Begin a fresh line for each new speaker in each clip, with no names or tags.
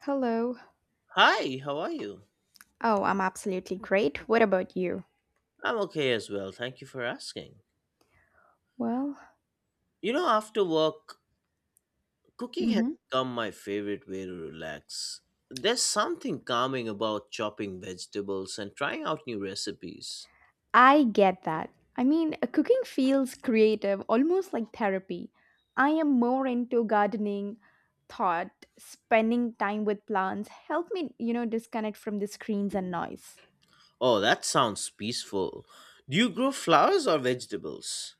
Hello.
Hi, how are you?
Oh, I'm absolutely great. What about you?
I'm okay as well. Thank you for asking.
Well,
After work, cooking has
hmm
become my favorite way to relax. There's something calming about chopping vegetables and trying out new recipes.
I get that. Cooking feels creative, almost like therapy. I am more into gardening, thought, spending time with plants, help me, you know, disconnect from the screens and noise.
Oh, that sounds peaceful. Do you grow flowers or vegetables?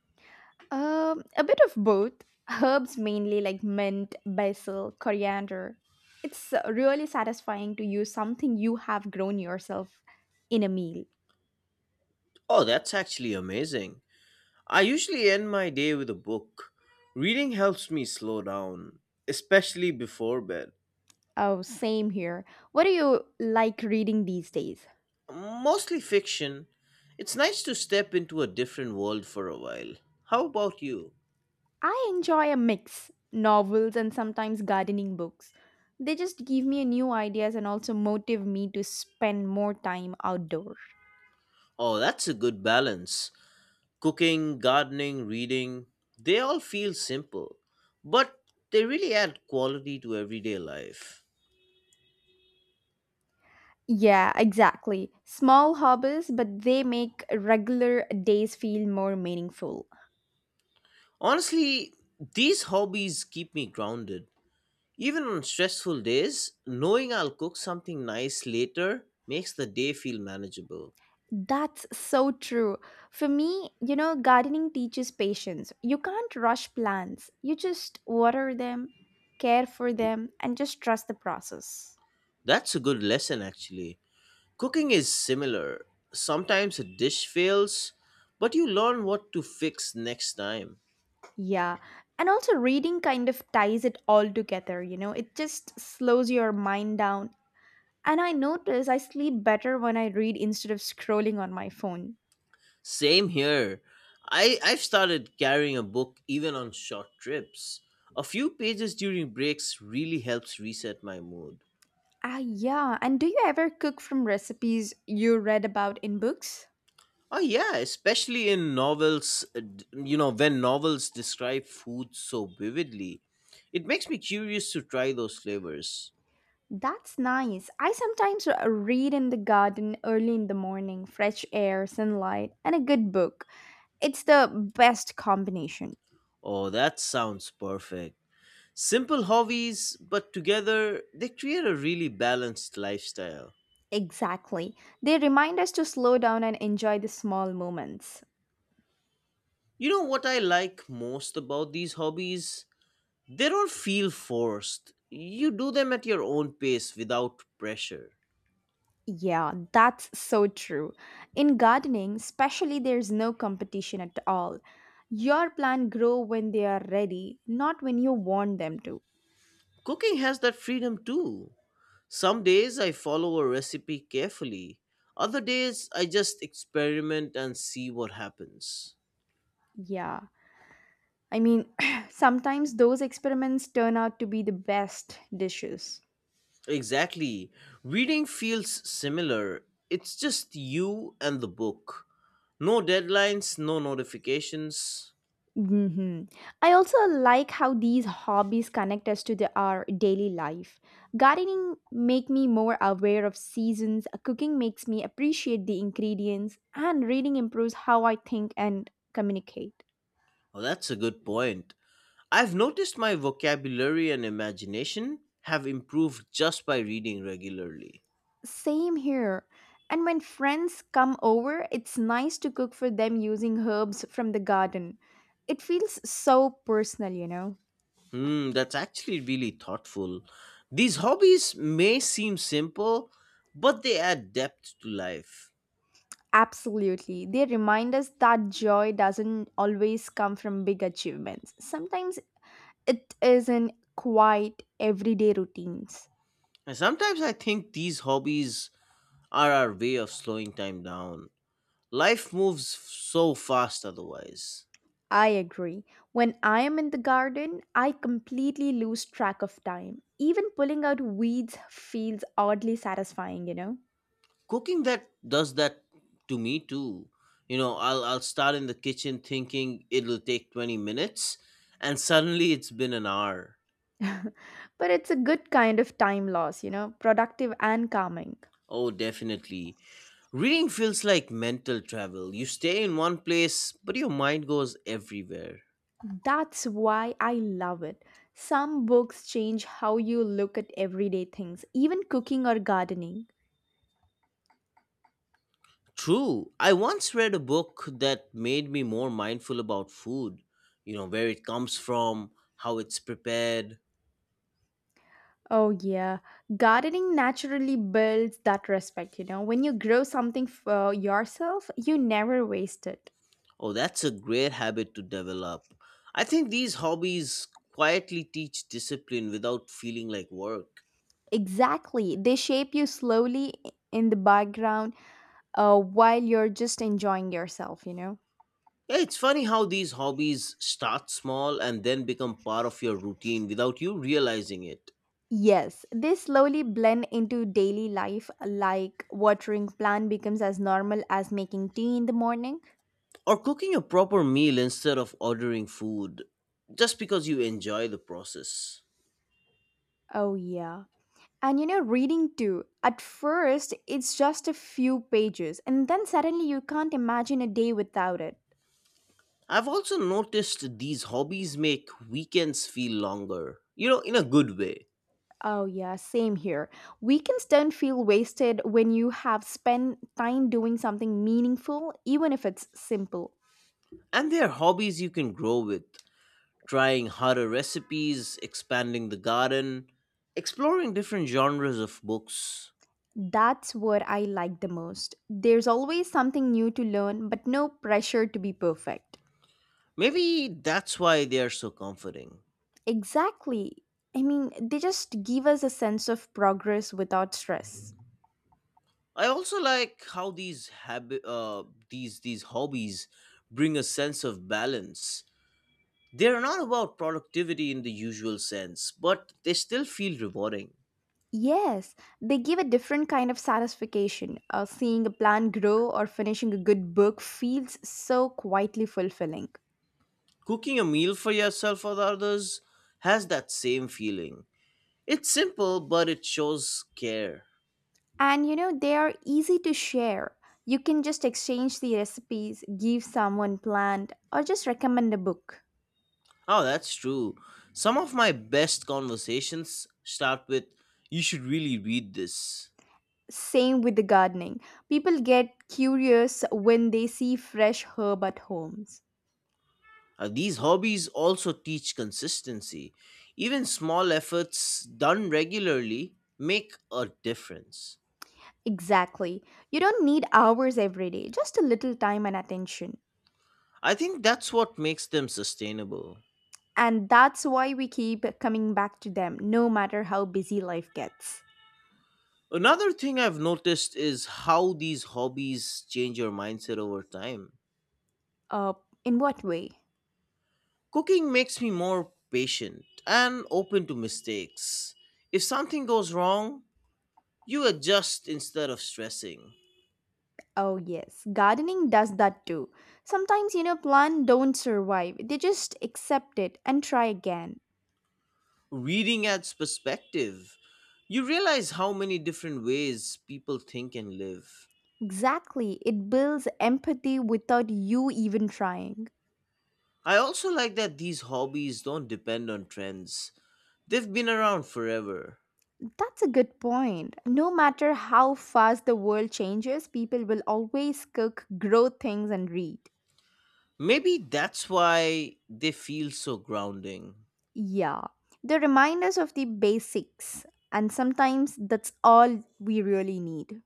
A bit of both. Herbs mainly like mint, basil, coriander. It's really satisfying to use something you have grown yourself in a meal.
Oh, that's actually amazing. I usually end my day with a book. Reading helps me slow down, especially before bed.
Oh, same here. What do you like reading these days?
Mostly fiction. It's nice to step into a different world for a while. How about you?
I enjoy a mix novels and sometimes gardening books. They just give me new ideas and also motive me to spend more time outdoor.
Oh, that's a good balance. Cooking, gardening, reading, they all feel simple, but they really add quality to everyday life.
Yeah, exactly. Small hobbies, but they make regular days feel more meaningful.
Honestly, these hobbies keep me grounded. Even on stressful days, knowing I'll cook something nice later makes the day feel manageable.
That's so true. For me, you know, gardening teaches patience. You can't rush plants. You just water them, care for them, and just trust the process.
That's a good lesson, actually. Cooking is similar. Sometimes a dish fails, but you learn what to fix next time.
Yeah. And also, reading kind of ties it all together, you know, it just slows your mind down. And I notice I sleep better when I read instead of scrolling on my phone.
Same here. I've started carrying a book even on short trips. A few pages during breaks really helps reset my mood.
Ah, yeah. And do you ever cook from recipes you read about in books?
Oh, yeah, especially in novels, when novels describe food so vividly. It makes me curious to try those flavors.
That's nice. I sometimes read in the garden early in the morning, fresh air, sunlight, and a good book. It's the best combination.
Oh, that sounds perfect. Simple hobbies, but together they create a really balanced lifestyle.
Exactly. They remind us to slow down and enjoy the small moments.
You know what I like most about these hobbies? They don't feel forced. You do them at your own pace without pressure.
Yeah, that's so true. In gardening, especially there's no competition at all. Your plant grow when they are ready, not when you want them to.
Cooking has that freedom too. Some days I follow a recipe carefully, other days I just experiment and see what happens.
Yeah. I mean, Sometimes those experiments turn out to be the best dishes.
Exactly. Reading feels similar. It's just you and the book. No deadlines, no notifications.
Hmm. I also like how these hobbies connect us to our daily life. Gardening make me more aware of seasons, cooking makes me appreciate the ingredients, and reading improves how I think and communicate.
Oh, that's a good point. I've noticed my vocabulary and imagination have improved just by reading regularly.
Same here. And when friends come over, it's nice to cook for them using herbs from the garden. It feels so personal, you know.
Hmm, that's actually really thoughtful. These hobbies may seem simple, but they add depth to life.
Absolutely. They remind us that joy doesn't always come from big achievements. Sometimes it is in quiet everyday routines.
And sometimes I think these hobbies are our way of slowing time down. Life moves so fast otherwise.
I agree. When I am in the garden, I completely lose track of time. Even pulling out weeds feels oddly satisfying, you know?
Cooking that does that to me too. I'll start in the kitchen thinking it'll take 20 minutes and suddenly it's been an hour.
But it's a good kind of time loss, you know, productive and calming.
Oh, definitely. Reading feels like mental travel. You stay in one place, but your mind goes everywhere.
That's why I love it. Some books change how you look at everyday things, even cooking or gardening.
True. I once read a book that made me more mindful about food, where it comes from, how it's prepared.
Oh, yeah. Gardening naturally builds that respect, you know. When you grow something for yourself, you never waste it.
Oh, that's a great habit to develop. I think these hobbies quietly teach discipline without feeling like work.
Exactly. They shape you slowly in the background while you're just enjoying yourself, you know.
Yeah, it's funny how these hobbies start small and then become part of your routine without you realizing it.
Yes, they slowly blend into daily life, like watering plant becomes as normal as making tea in the morning.
Or cooking a proper meal instead of ordering food just because you enjoy the process.
Oh, yeah. And you know, reading too, at first it's just a few pages, and then suddenly you can't imagine a day without it.
I've also noticed these hobbies make weekends feel longer, in a good way.
Oh, yeah, same here. Weekends don't feel wasted when you have spent time doing something meaningful, even if it's simple.
And they're hobbies you can grow with, trying harder recipes, expanding the garden, exploring different genres of books.
That's what I like the most. There's always something new to learn, but no pressure to be perfect.
Maybe that's why they are so comforting.
Exactly. I mean, they just give us a sense of progress without stress.
I also like how these habit, these hobbies bring a sense of balance. They're not about productivity in the usual sense, but they still feel rewarding.
Yes, they give a different kind of satisfaction. Seeing a plant grow or finishing a good book feels so quietly fulfilling.
Cooking a meal for yourself or the others has that same feeling. It's simple, but it shows care.
And you know, they are easy to share. You can just exchange the recipes, give someone plant, or just recommend a book.
Oh, that's true. Some of my best conversations start with, "You should really read this."
Same with the gardening. People get curious when they see fresh herb at homes.
These hobbies also teach consistency. Even small efforts done regularly make a difference.
Exactly. You don't need hours every day, just a little time and attention.
I think that's what makes them sustainable.
And that's why we keep coming back to them, no matter how busy life gets.
Another thing I've noticed is how these hobbies change your mindset over time.
Uh, in what way?
Cooking makes me more patient and open to mistakes. If something goes wrong, you adjust instead of stressing.
Oh, yes, gardening does that too. Sometimes, you know, plants don't survive, they just accept it and try again.
Reading adds perspective. You realize how many different ways people think and live.
Exactly, it builds empathy without you even trying.
I also like that these hobbies don't depend on trends, they've been around forever.
That's a good point. No matter how fast the world changes, people will always cook, grow things, and read.
Maybe that's why they feel so grounding.
Yeah, they remind us of the basics, and sometimes that's all we really need.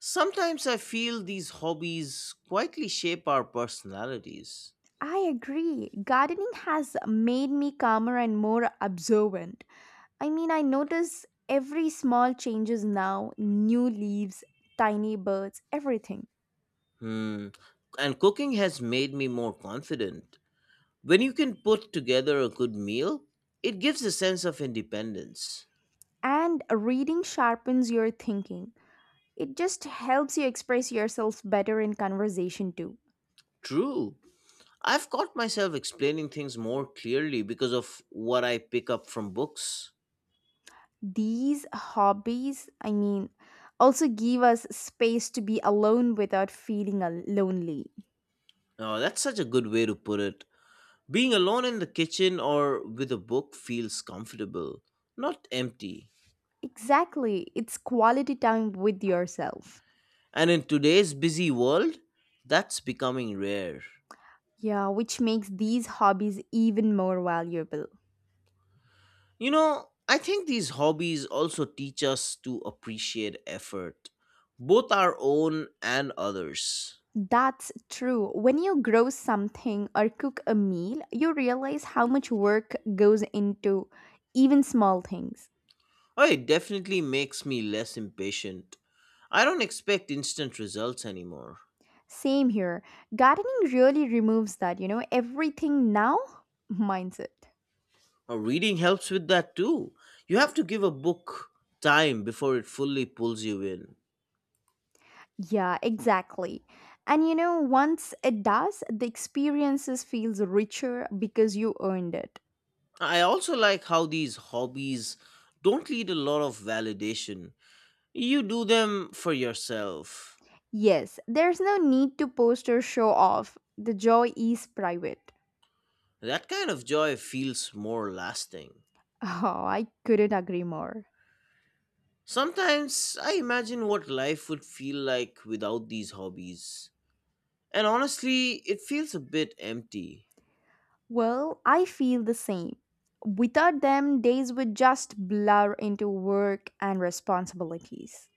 Sometimes I feel these hobbies quietly shape our personalities.
I agree. Gardening has made me calmer and more observant. I mean, I notice every small changes now, new leaves, tiny birds, everything.
Hmm. And cooking has made me more confident. When you can put together a good meal, it gives a sense of independence.
And reading sharpens your thinking. It just helps you express yourself better in conversation too.
True. I've caught myself explaining things more clearly because of what I pick up from books.
These hobbies also give us space to be alone without feeling lonely.
Oh, that's such a good way to put it. Being alone in the kitchen or with a book feels comfortable, not empty.
Exactly, it's quality time with yourself.
And in today's busy world, that's becoming rare.
Yeah, which makes these hobbies even more valuable.
I think these hobbies also teach us to appreciate effort, both our own and others.
That's true. When you grow something or cook a meal, you realize how much work goes into even small things.
Oh, it definitely makes me less impatient. I don't expect instant results anymore.
Same here. Gardening really removes that, you know, everything now mindset.
Oh, reading helps with that too. You have to give a book time before it fully pulls you in.
Yeah, exactly. And you know, once it does, the experiences feels richer because you earned it.
I also like how these hobbies don't need a lot of validation. You do them for yourself.
Yes, there's no need to post or show off. The joy is private.
That kind of joy feels more lasting.
Oh, I couldn't agree more.
Sometimes I imagine what life would feel like without these hobbies. And honestly, it feels a bit empty.
Well, I feel the same. Without them, days would just blur into work and responsibilities.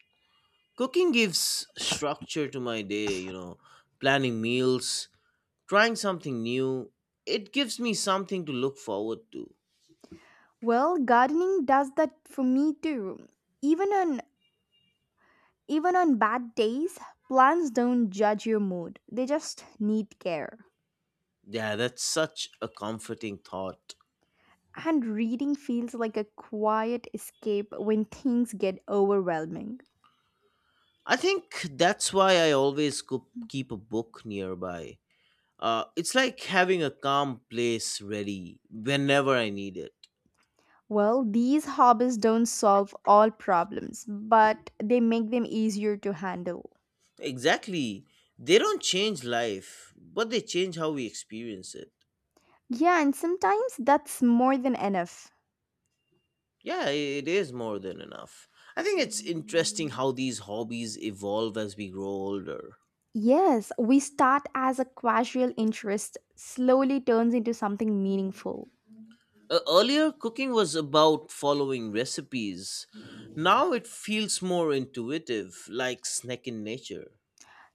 Cooking gives structure to my day, planning meals, trying something new. It gives me something to look forward to.
Well, gardening does that for me too. Even on Even on bad days, plants don't judge your mood, they just need care.
Yeah, that's such a comforting thought.
And reading feels like a quiet escape when things get overwhelming.
I think that's why I always cook, keep a book nearby. It's like having a calm place ready whenever I need it.
Well, these hobbies don't solve all problems, but they make them easier to handle.
Exactly. They don't change life, but they change how we experience it.
Yeah, and sometimes that's more than enough.
Yeah, it is more than enough. I think it's interesting how these hobbies evolve as we grow older.
Yes, we start as a casual interest, slowly turns into something meaningful.
Earlier, cooking was about following recipes. Now it feels more intuitive, like snacking nature.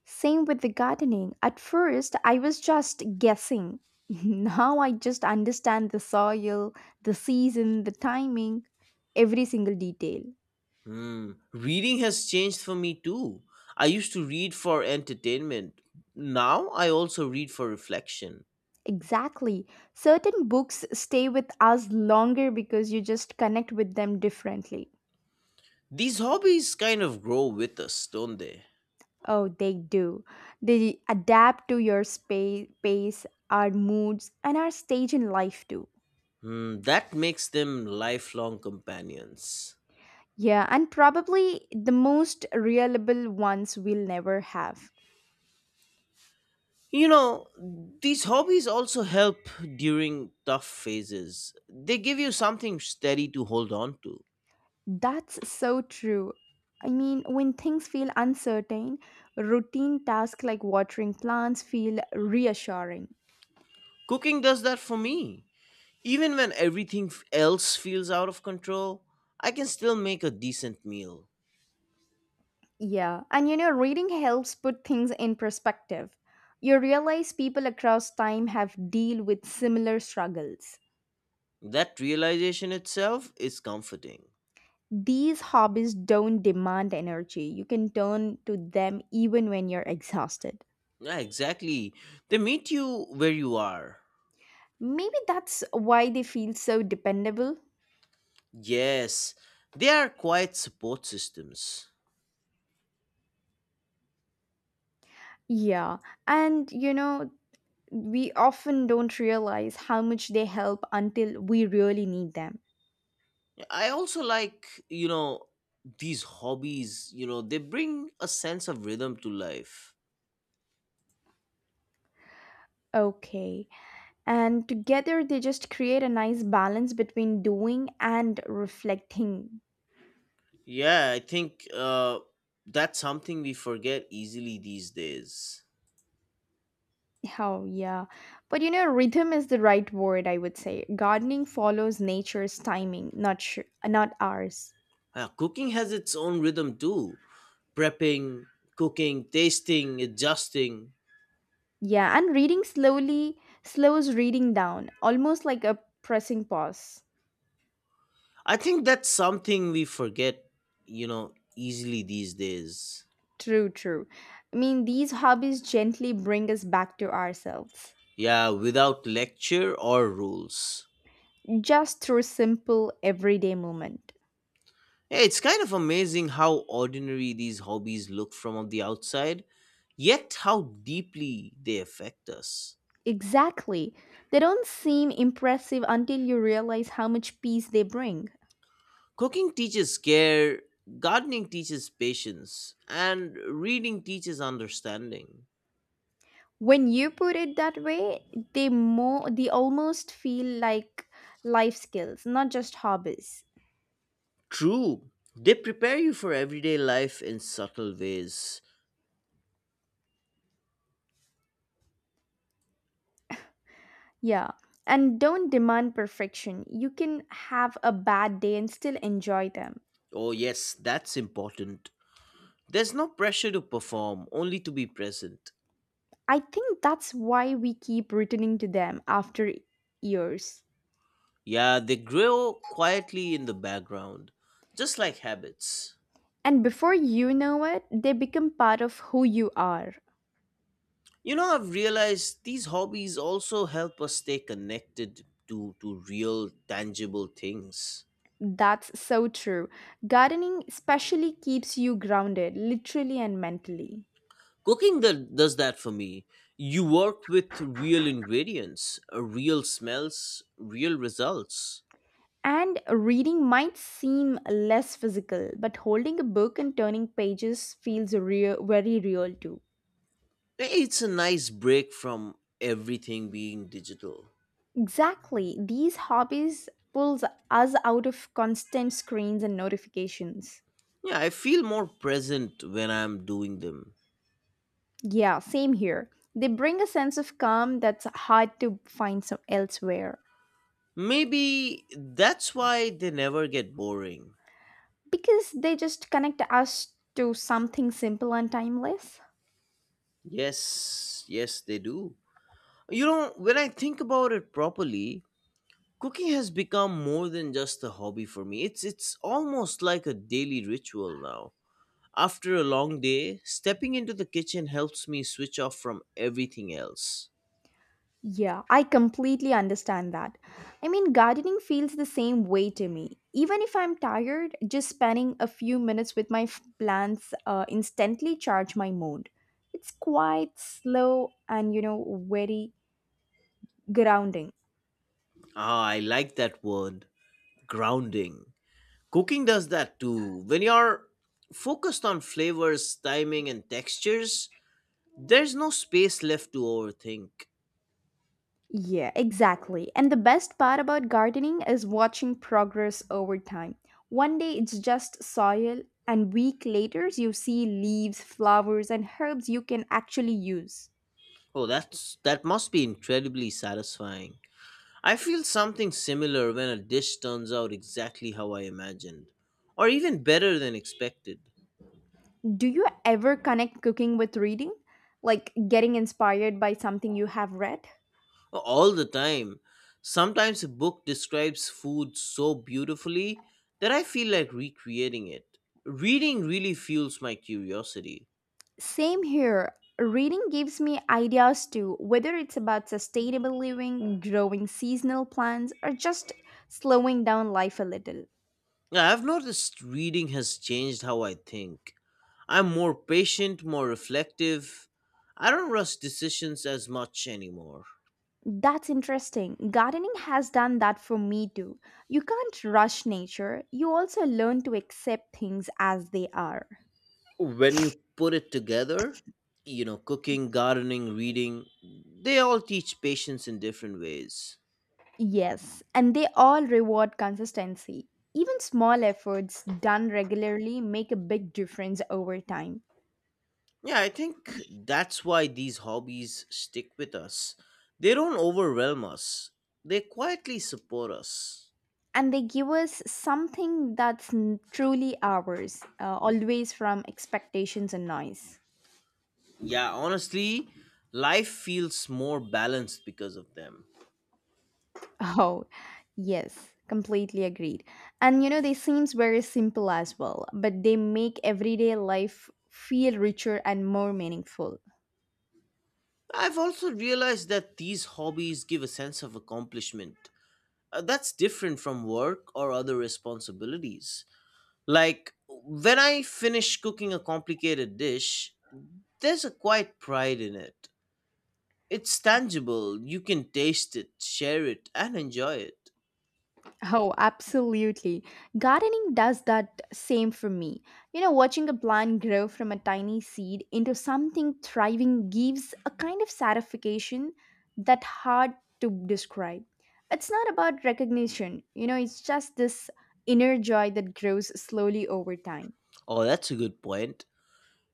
Same with the gardening. At first, I was just guessing. Now I just understand the soil, the season, the timing, every single detail.
Hmm. Reading has changed for me too. I used to read for entertainment. Now I also read for reflection.
Exactly. Certain books stay with us longer because you just connect with them differently.
These hobbies kind of grow with us, don't they?
Oh, they do. They adapt to your space, pace, our moods, and our stage in life too.
Hmm, that makes them lifelong companions.
Yeah, and probably the most reliable ones we'll never have.
You know, these hobbies also help during tough phases. They give you something steady to hold on to.
That's so true. I mean, when things feel uncertain, routine tasks like watering plants feel reassuring.
Cooking does that for me. Even when everything else feels out of control, I can still make a decent meal.
Yeah, and you know, reading helps put things in perspective. You realize people across time have deal with similar struggles.
That realization itself is comforting.
These hobbies don't demand energy. You can turn to them even when you're exhausted.
Yeah, exactly. They meet you where you are.
Maybe that's why they feel so dependable.
Yes, they are quite support systems.
Yeah, and you know, we often don't realize how much they help until we really need them.
I also like these hobbies, they bring a sense of rhythm to life.
Okay. And together they just create a nice balance between doing and reflecting.
Yeah, I think that's something we forget easily these days.
Oh, yeah. But you know, rhythm is the right word, I would say. Gardening follows nature's timing, not, not ours.
Cooking has its own rhythm too. Prepping, cooking, tasting, adjusting.
Yeah, and reading slowly slows reading down, almost like a pressing pause.
I think that's something we forget easily these days.
True, true. I mean, these hobbies gently bring us back to ourselves.
Yeah, without lecture or rules.
Just through simple everyday movement.
Yeah, it's kind of amazing how ordinary these hobbies look from the outside, yet how deeply they affect us.
Exactly. They don't seem impressive until you realize how much peace they bring.
Cooking teaches care, gardening teaches patience, and reading teaches understanding.
When you put it that way, they almost feel like life skills, not just hobbies.
True, they prepare you for everyday life in subtle ways.
Yeah. And don't demand perfection. You can have a bad day and still enjoy them.
Oh, yes, that's important. There's no pressure to perform, only to be present.
I think that's why we keep returning to them after years.
Yeah, they grow quietly in the background, just like habits.
And before you know it, they become part of who you are.
I've realized these hobbies also help us stay connected to real, tangible things.
That's so true. Gardening especially keeps you grounded, literally and mentally.
Cooking that does that for me. You work with real ingredients, real smells, real results.
And reading might seem less physical, but holding a book and turning pages feels real, very real too.
Hey, it's a nice break from everything being digital.
Exactly. These hobbies pulls us out of constant screens and notifications.
Yeah, I feel more present when I'm doing them.
Yeah, same here. They bring a sense of calm that's hard to find some elsewhere
Maybe that's why they never get boring.
because they just connect us to something simple and timeless.
Yes, yes, they do. When I think about it properly, cooking has become more than just a hobby for me. It's almost like a daily ritual now. After a long day, stepping into the kitchen helps me switch off from everything else.
Yeah, I completely understand that. I mean, gardening feels the same way to me. Even if I'm tired, just spending a few minutes with my plants instantly charge my mood. It's quite slow and, you know, very grounding.
Ah, I like that word, grounding. Cooking does that too. When you're focused on flavors, timing and textures, there's no space left to overthink.
Yeah, exactly. And the best part about gardening is watching progress over time. One day it's just soil, and week later you see leaves, flowers, and herbs you can actually use.
Oh, that must be incredibly satisfying. I feel something similar when a dish turns out exactly how I imagined, or even better than expected.
Do you ever connect cooking with reading? Like getting inspired by something you have read?
All the time. Sometimes a book describes food so beautifully that I feel like recreating it. Reading really fuels my curiosity.
Same here. Reading gives me ideas too, whether it's about sustainable living, growing seasonal plants, or just slowing down life a little.
Yeah, I've noticed reading has changed how I think. I'm more patient, more reflective. I don't rush decisions as much anymore.
That's interesting. Gardening has done that for me too. You can't rush nature, you also learn to accept things as they are.
When you put it together, cooking, gardening, reading, they all teach patience in different ways.
Yes, and they all reward consistency. Even small efforts done regularly make a big difference over time.
Yeah, I think that's why these hobbies stick with us. They don't overwhelm us, they quietly support us.
And they give us something that's truly ours, always from expectations and noise.
Yeah, honestly, life feels more balanced because of them.
Oh, yes, completely agreed. And you know, they seems very simple as well, but they make everyday life feel richer and more meaningful.
I've also realized that these hobbies give a sense of accomplishment. That's different from work or other responsibilities. Like when I finish cooking a complicated dish, there's a quiet pride in it. It's tangible, you can taste it, share it, and enjoy it.
Oh, absolutely. Gardening does that same for me. You know, watching a plant grow from a tiny seed into something thriving gives a kind of satisfaction that hard to describe. It's not about recognition, you know, it's just this inner joy that grows slowly over time.
Oh, that's a good point.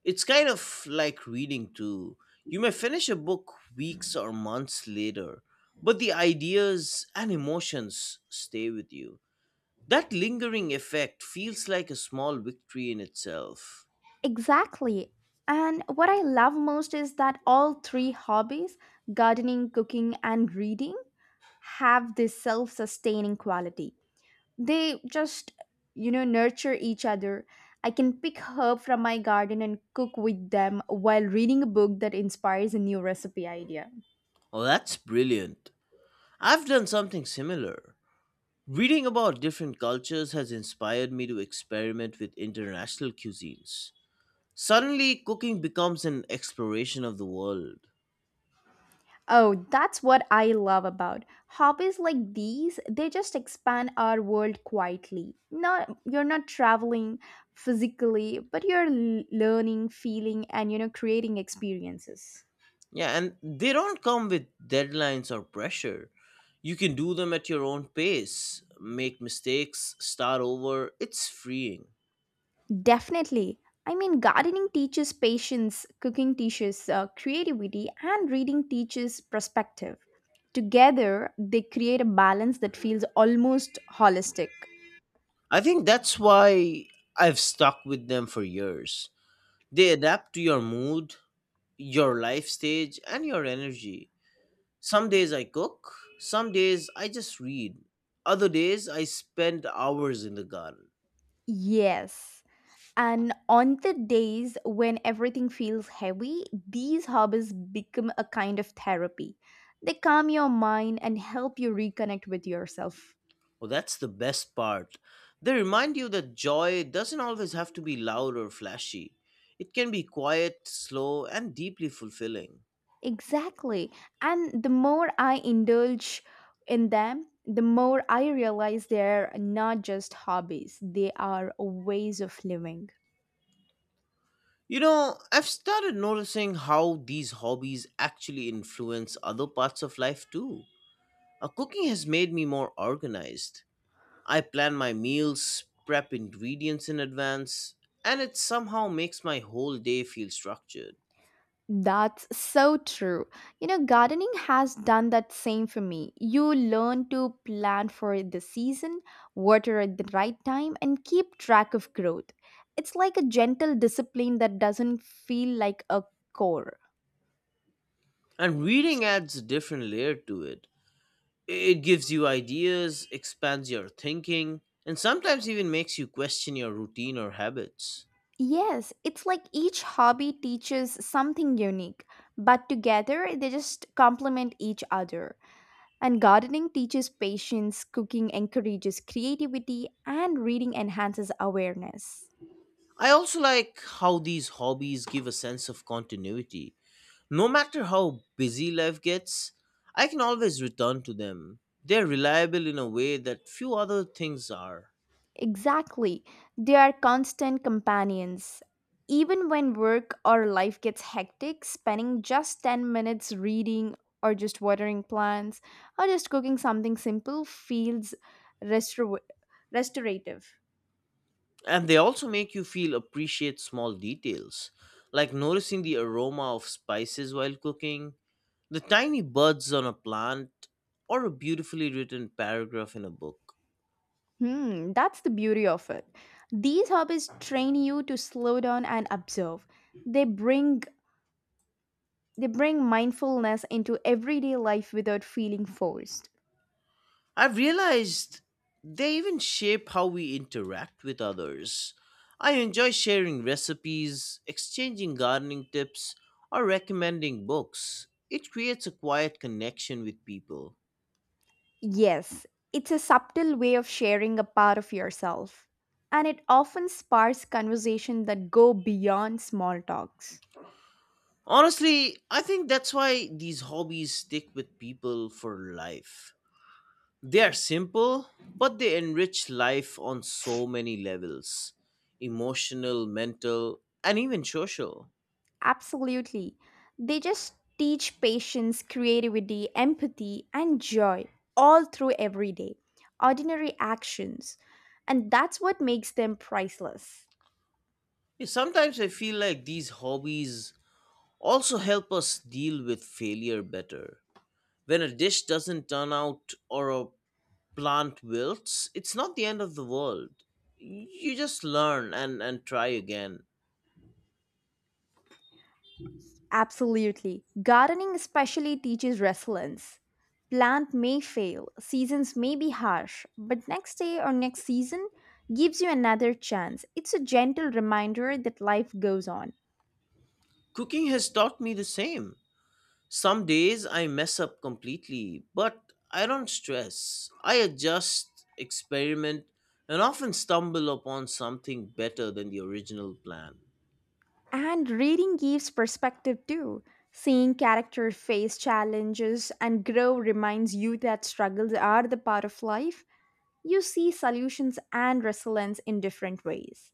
It's kind of like reading too. You may finish a book weeks or months later, but the ideas and emotions stay with you. That lingering effect feels like a small victory in itself.
Exactly. And what I love most is that all three hobbies, gardening, cooking, and reading, have this self sustaining quality. They just nurture each other. I can pick herb from my garden and cook with them while reading a book that inspires a new recipe idea.
Oh, that's brilliant. I've done something similar. Reading about different cultures has inspired me to experiment with international cuisines. Suddenly, cooking becomes an exploration of the world.
Oh, that's what I love about hobbies like these. They just expand our world quietly. Not you're not traveling physically, but you're learning, feeling, and creating experiences.
Yeah, and they don't come with deadlines or pressure. You can do them at your own pace, make mistakes, start over. It's freeing.
Definitely. I mean, gardening teaches patience, cooking teaches creativity, and reading teaches perspective. Together, they create a balance that feels almost holistic.
I think that's why I've stuck with them for years. They adapt to your mood, your life stage, and your energy. Some days I cook, some days I just read, other days I spend hours in the garden.
Yes. And on the days when everything feels heavy, these hobbies become a kind of therapy. They calm your mind and help you reconnect with yourself.
Oh, that's the best part. They remind you that joy doesn't always have to be loud or flashy, it can be quiet, slow, and deeply fulfilling.
Exactly. And the more I indulge in them, the more I realize they're not just hobbies, they are ways of living.
I've started noticing how these hobbies actually influence other parts of life too. Cooking has made me more organized. I plan my meals, prep ingredients in advance, and it somehow makes my whole day feel structured.
That's so true. You know, gardening has done that same for me. You learn to plan for the season, water at the right time, and keep track of growth. It's like a gentle discipline that doesn't feel like a chore.
And reading adds a different layer to it. It gives you ideas, expands your thinking, and sometimes even makes you question your routine or habits.
Yes, it's like each hobby teaches something unique, but together they just complement each other. And gardening teaches patience, cooking encourages creativity, and reading enhances awareness.
I also like how these hobbies give a sense of continuity. No matter how busy life gets, I can always return to them. They're reliable in a way that few other things are.
Exactly, they are constant companions. Even when work or life gets hectic, spending just 10 minutes reading or just watering plants or just cooking something simple feels restor- restorative.
And they also make you feel appreciate small details, like noticing the aroma of spices while cooking, the tiny buds on a plant, or a beautifully written paragraph in a book.
Hmm, that's the beauty of it. These hobbies train you to slow down and observe. They bring they bring mindfulness into everyday life without feeling forced.
I've realized they even shape how we interact with others. I enjoy sharing recipes, exchanging gardening tips, or recommending books. It creates a quiet connection with people.
Yes, it's a subtle way of sharing a part of yourself. And it often sparks conversation that go beyond small talks.
Honestly, I think that's why these hobbies stick with people for life. They are simple, but they enrich life on so many levels: emotional, mental, and even social.
Absolutely. They just teach patience, creativity, empathy, and joy all through every day, ordinary actions. And that's what makes them priceless.
Yeah, sometimes I feel like these hobbies also help us deal with failure better. When a dish doesn't turn out or a plant wilts, it's not the end of the world. You just learn and try again.
Absolutely. Gardening especially teaches resilience. Plant may fail, seasons may be harsh, but next day or next season gives you another chance. It's a gentle reminder that life goes on.
Cooking has taught me the same. Some days I mess up completely, but I don't stress. I adjust, experiment, and often stumble upon something better than the original plan.
And reading gives perspective too. Seeing characters face challenges and grow reminds you that struggles are the part of life. You see solutions and resilience in different ways.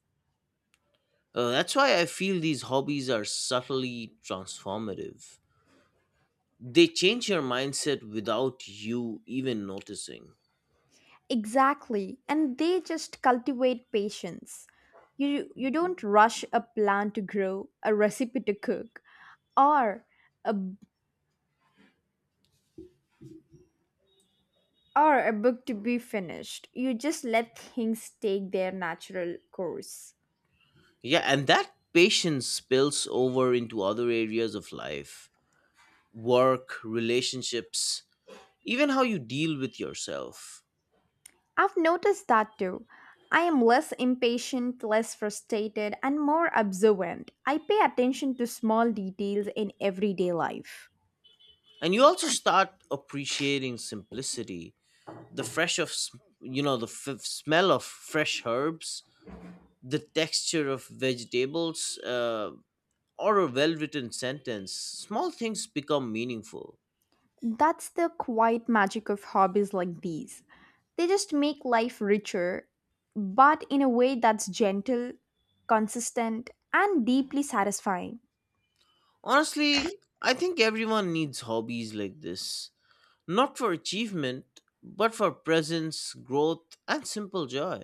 That's why I feel these hobbies are subtly transformative. They change your mindset without you even noticing.
Exactly, and they just cultivate patience. You don't rush a plant to grow, a recipe to cook, or a, or a book to be finished. You just let things take their natural course.
Yeah, and that patience spills over into other areas of life: work, relationships, even how you deal with yourself.
I've noticed that too. I am less impatient, less frustrated, and more observant. I pay attention to small details in everyday life.
And you also start appreciating simplicity, the fresh of s- the smell of fresh herbs, the texture of vegetables, or a well-written sentence. Small things become meaningful.
That's the quiet magic of hobbies like these. They just make life richer, but in a way that's gentle, consistent, and deeply satisfying.
Honestly, I think everyone needs hobbies like this, not for achievement but for presence, growth, and simple joy.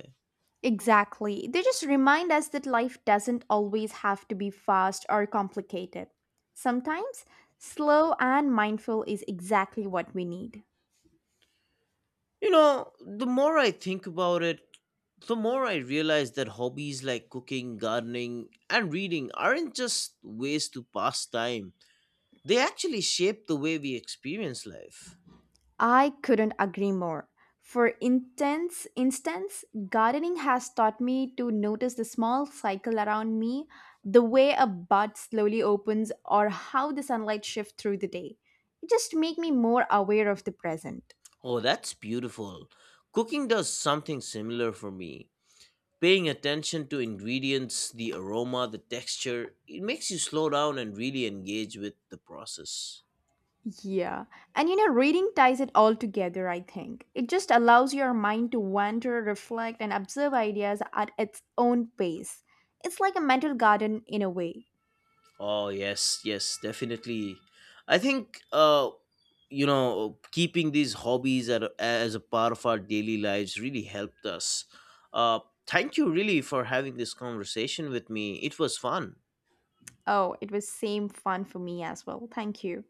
Exactly. They just remind us that life doesn't always have to be fast or complicated. Sometimes, slow and mindful is exactly what we need.
The more I think about it, the more I realize that hobbies like cooking, gardening, and reading aren't just ways to pass time, they actually shape the way we experience life.
I couldn't agree more. For intense instance, gardening has taught me to notice the small cycle around me, the way a bud slowly opens or how the sunlight shifts through the day. It just make me more aware of the present.
Oh, that's beautiful. Cooking does something similar for me. Paying attention to ingredients, the aroma, the texture, it makes you slow down and really engage with the process.
Yeah. And you know, reading ties it all together, I think. It just allows your mind to wander, reflect, and observe ideas at its own pace. It's like a mental garden in a way.
Oh yes, yes, definitely. I think keeping these hobbies as a part of our daily lives really helped us. Uh, thank you really for having this conversation with me. It was fun.
Oh, it was same fun for me as well. Thank you.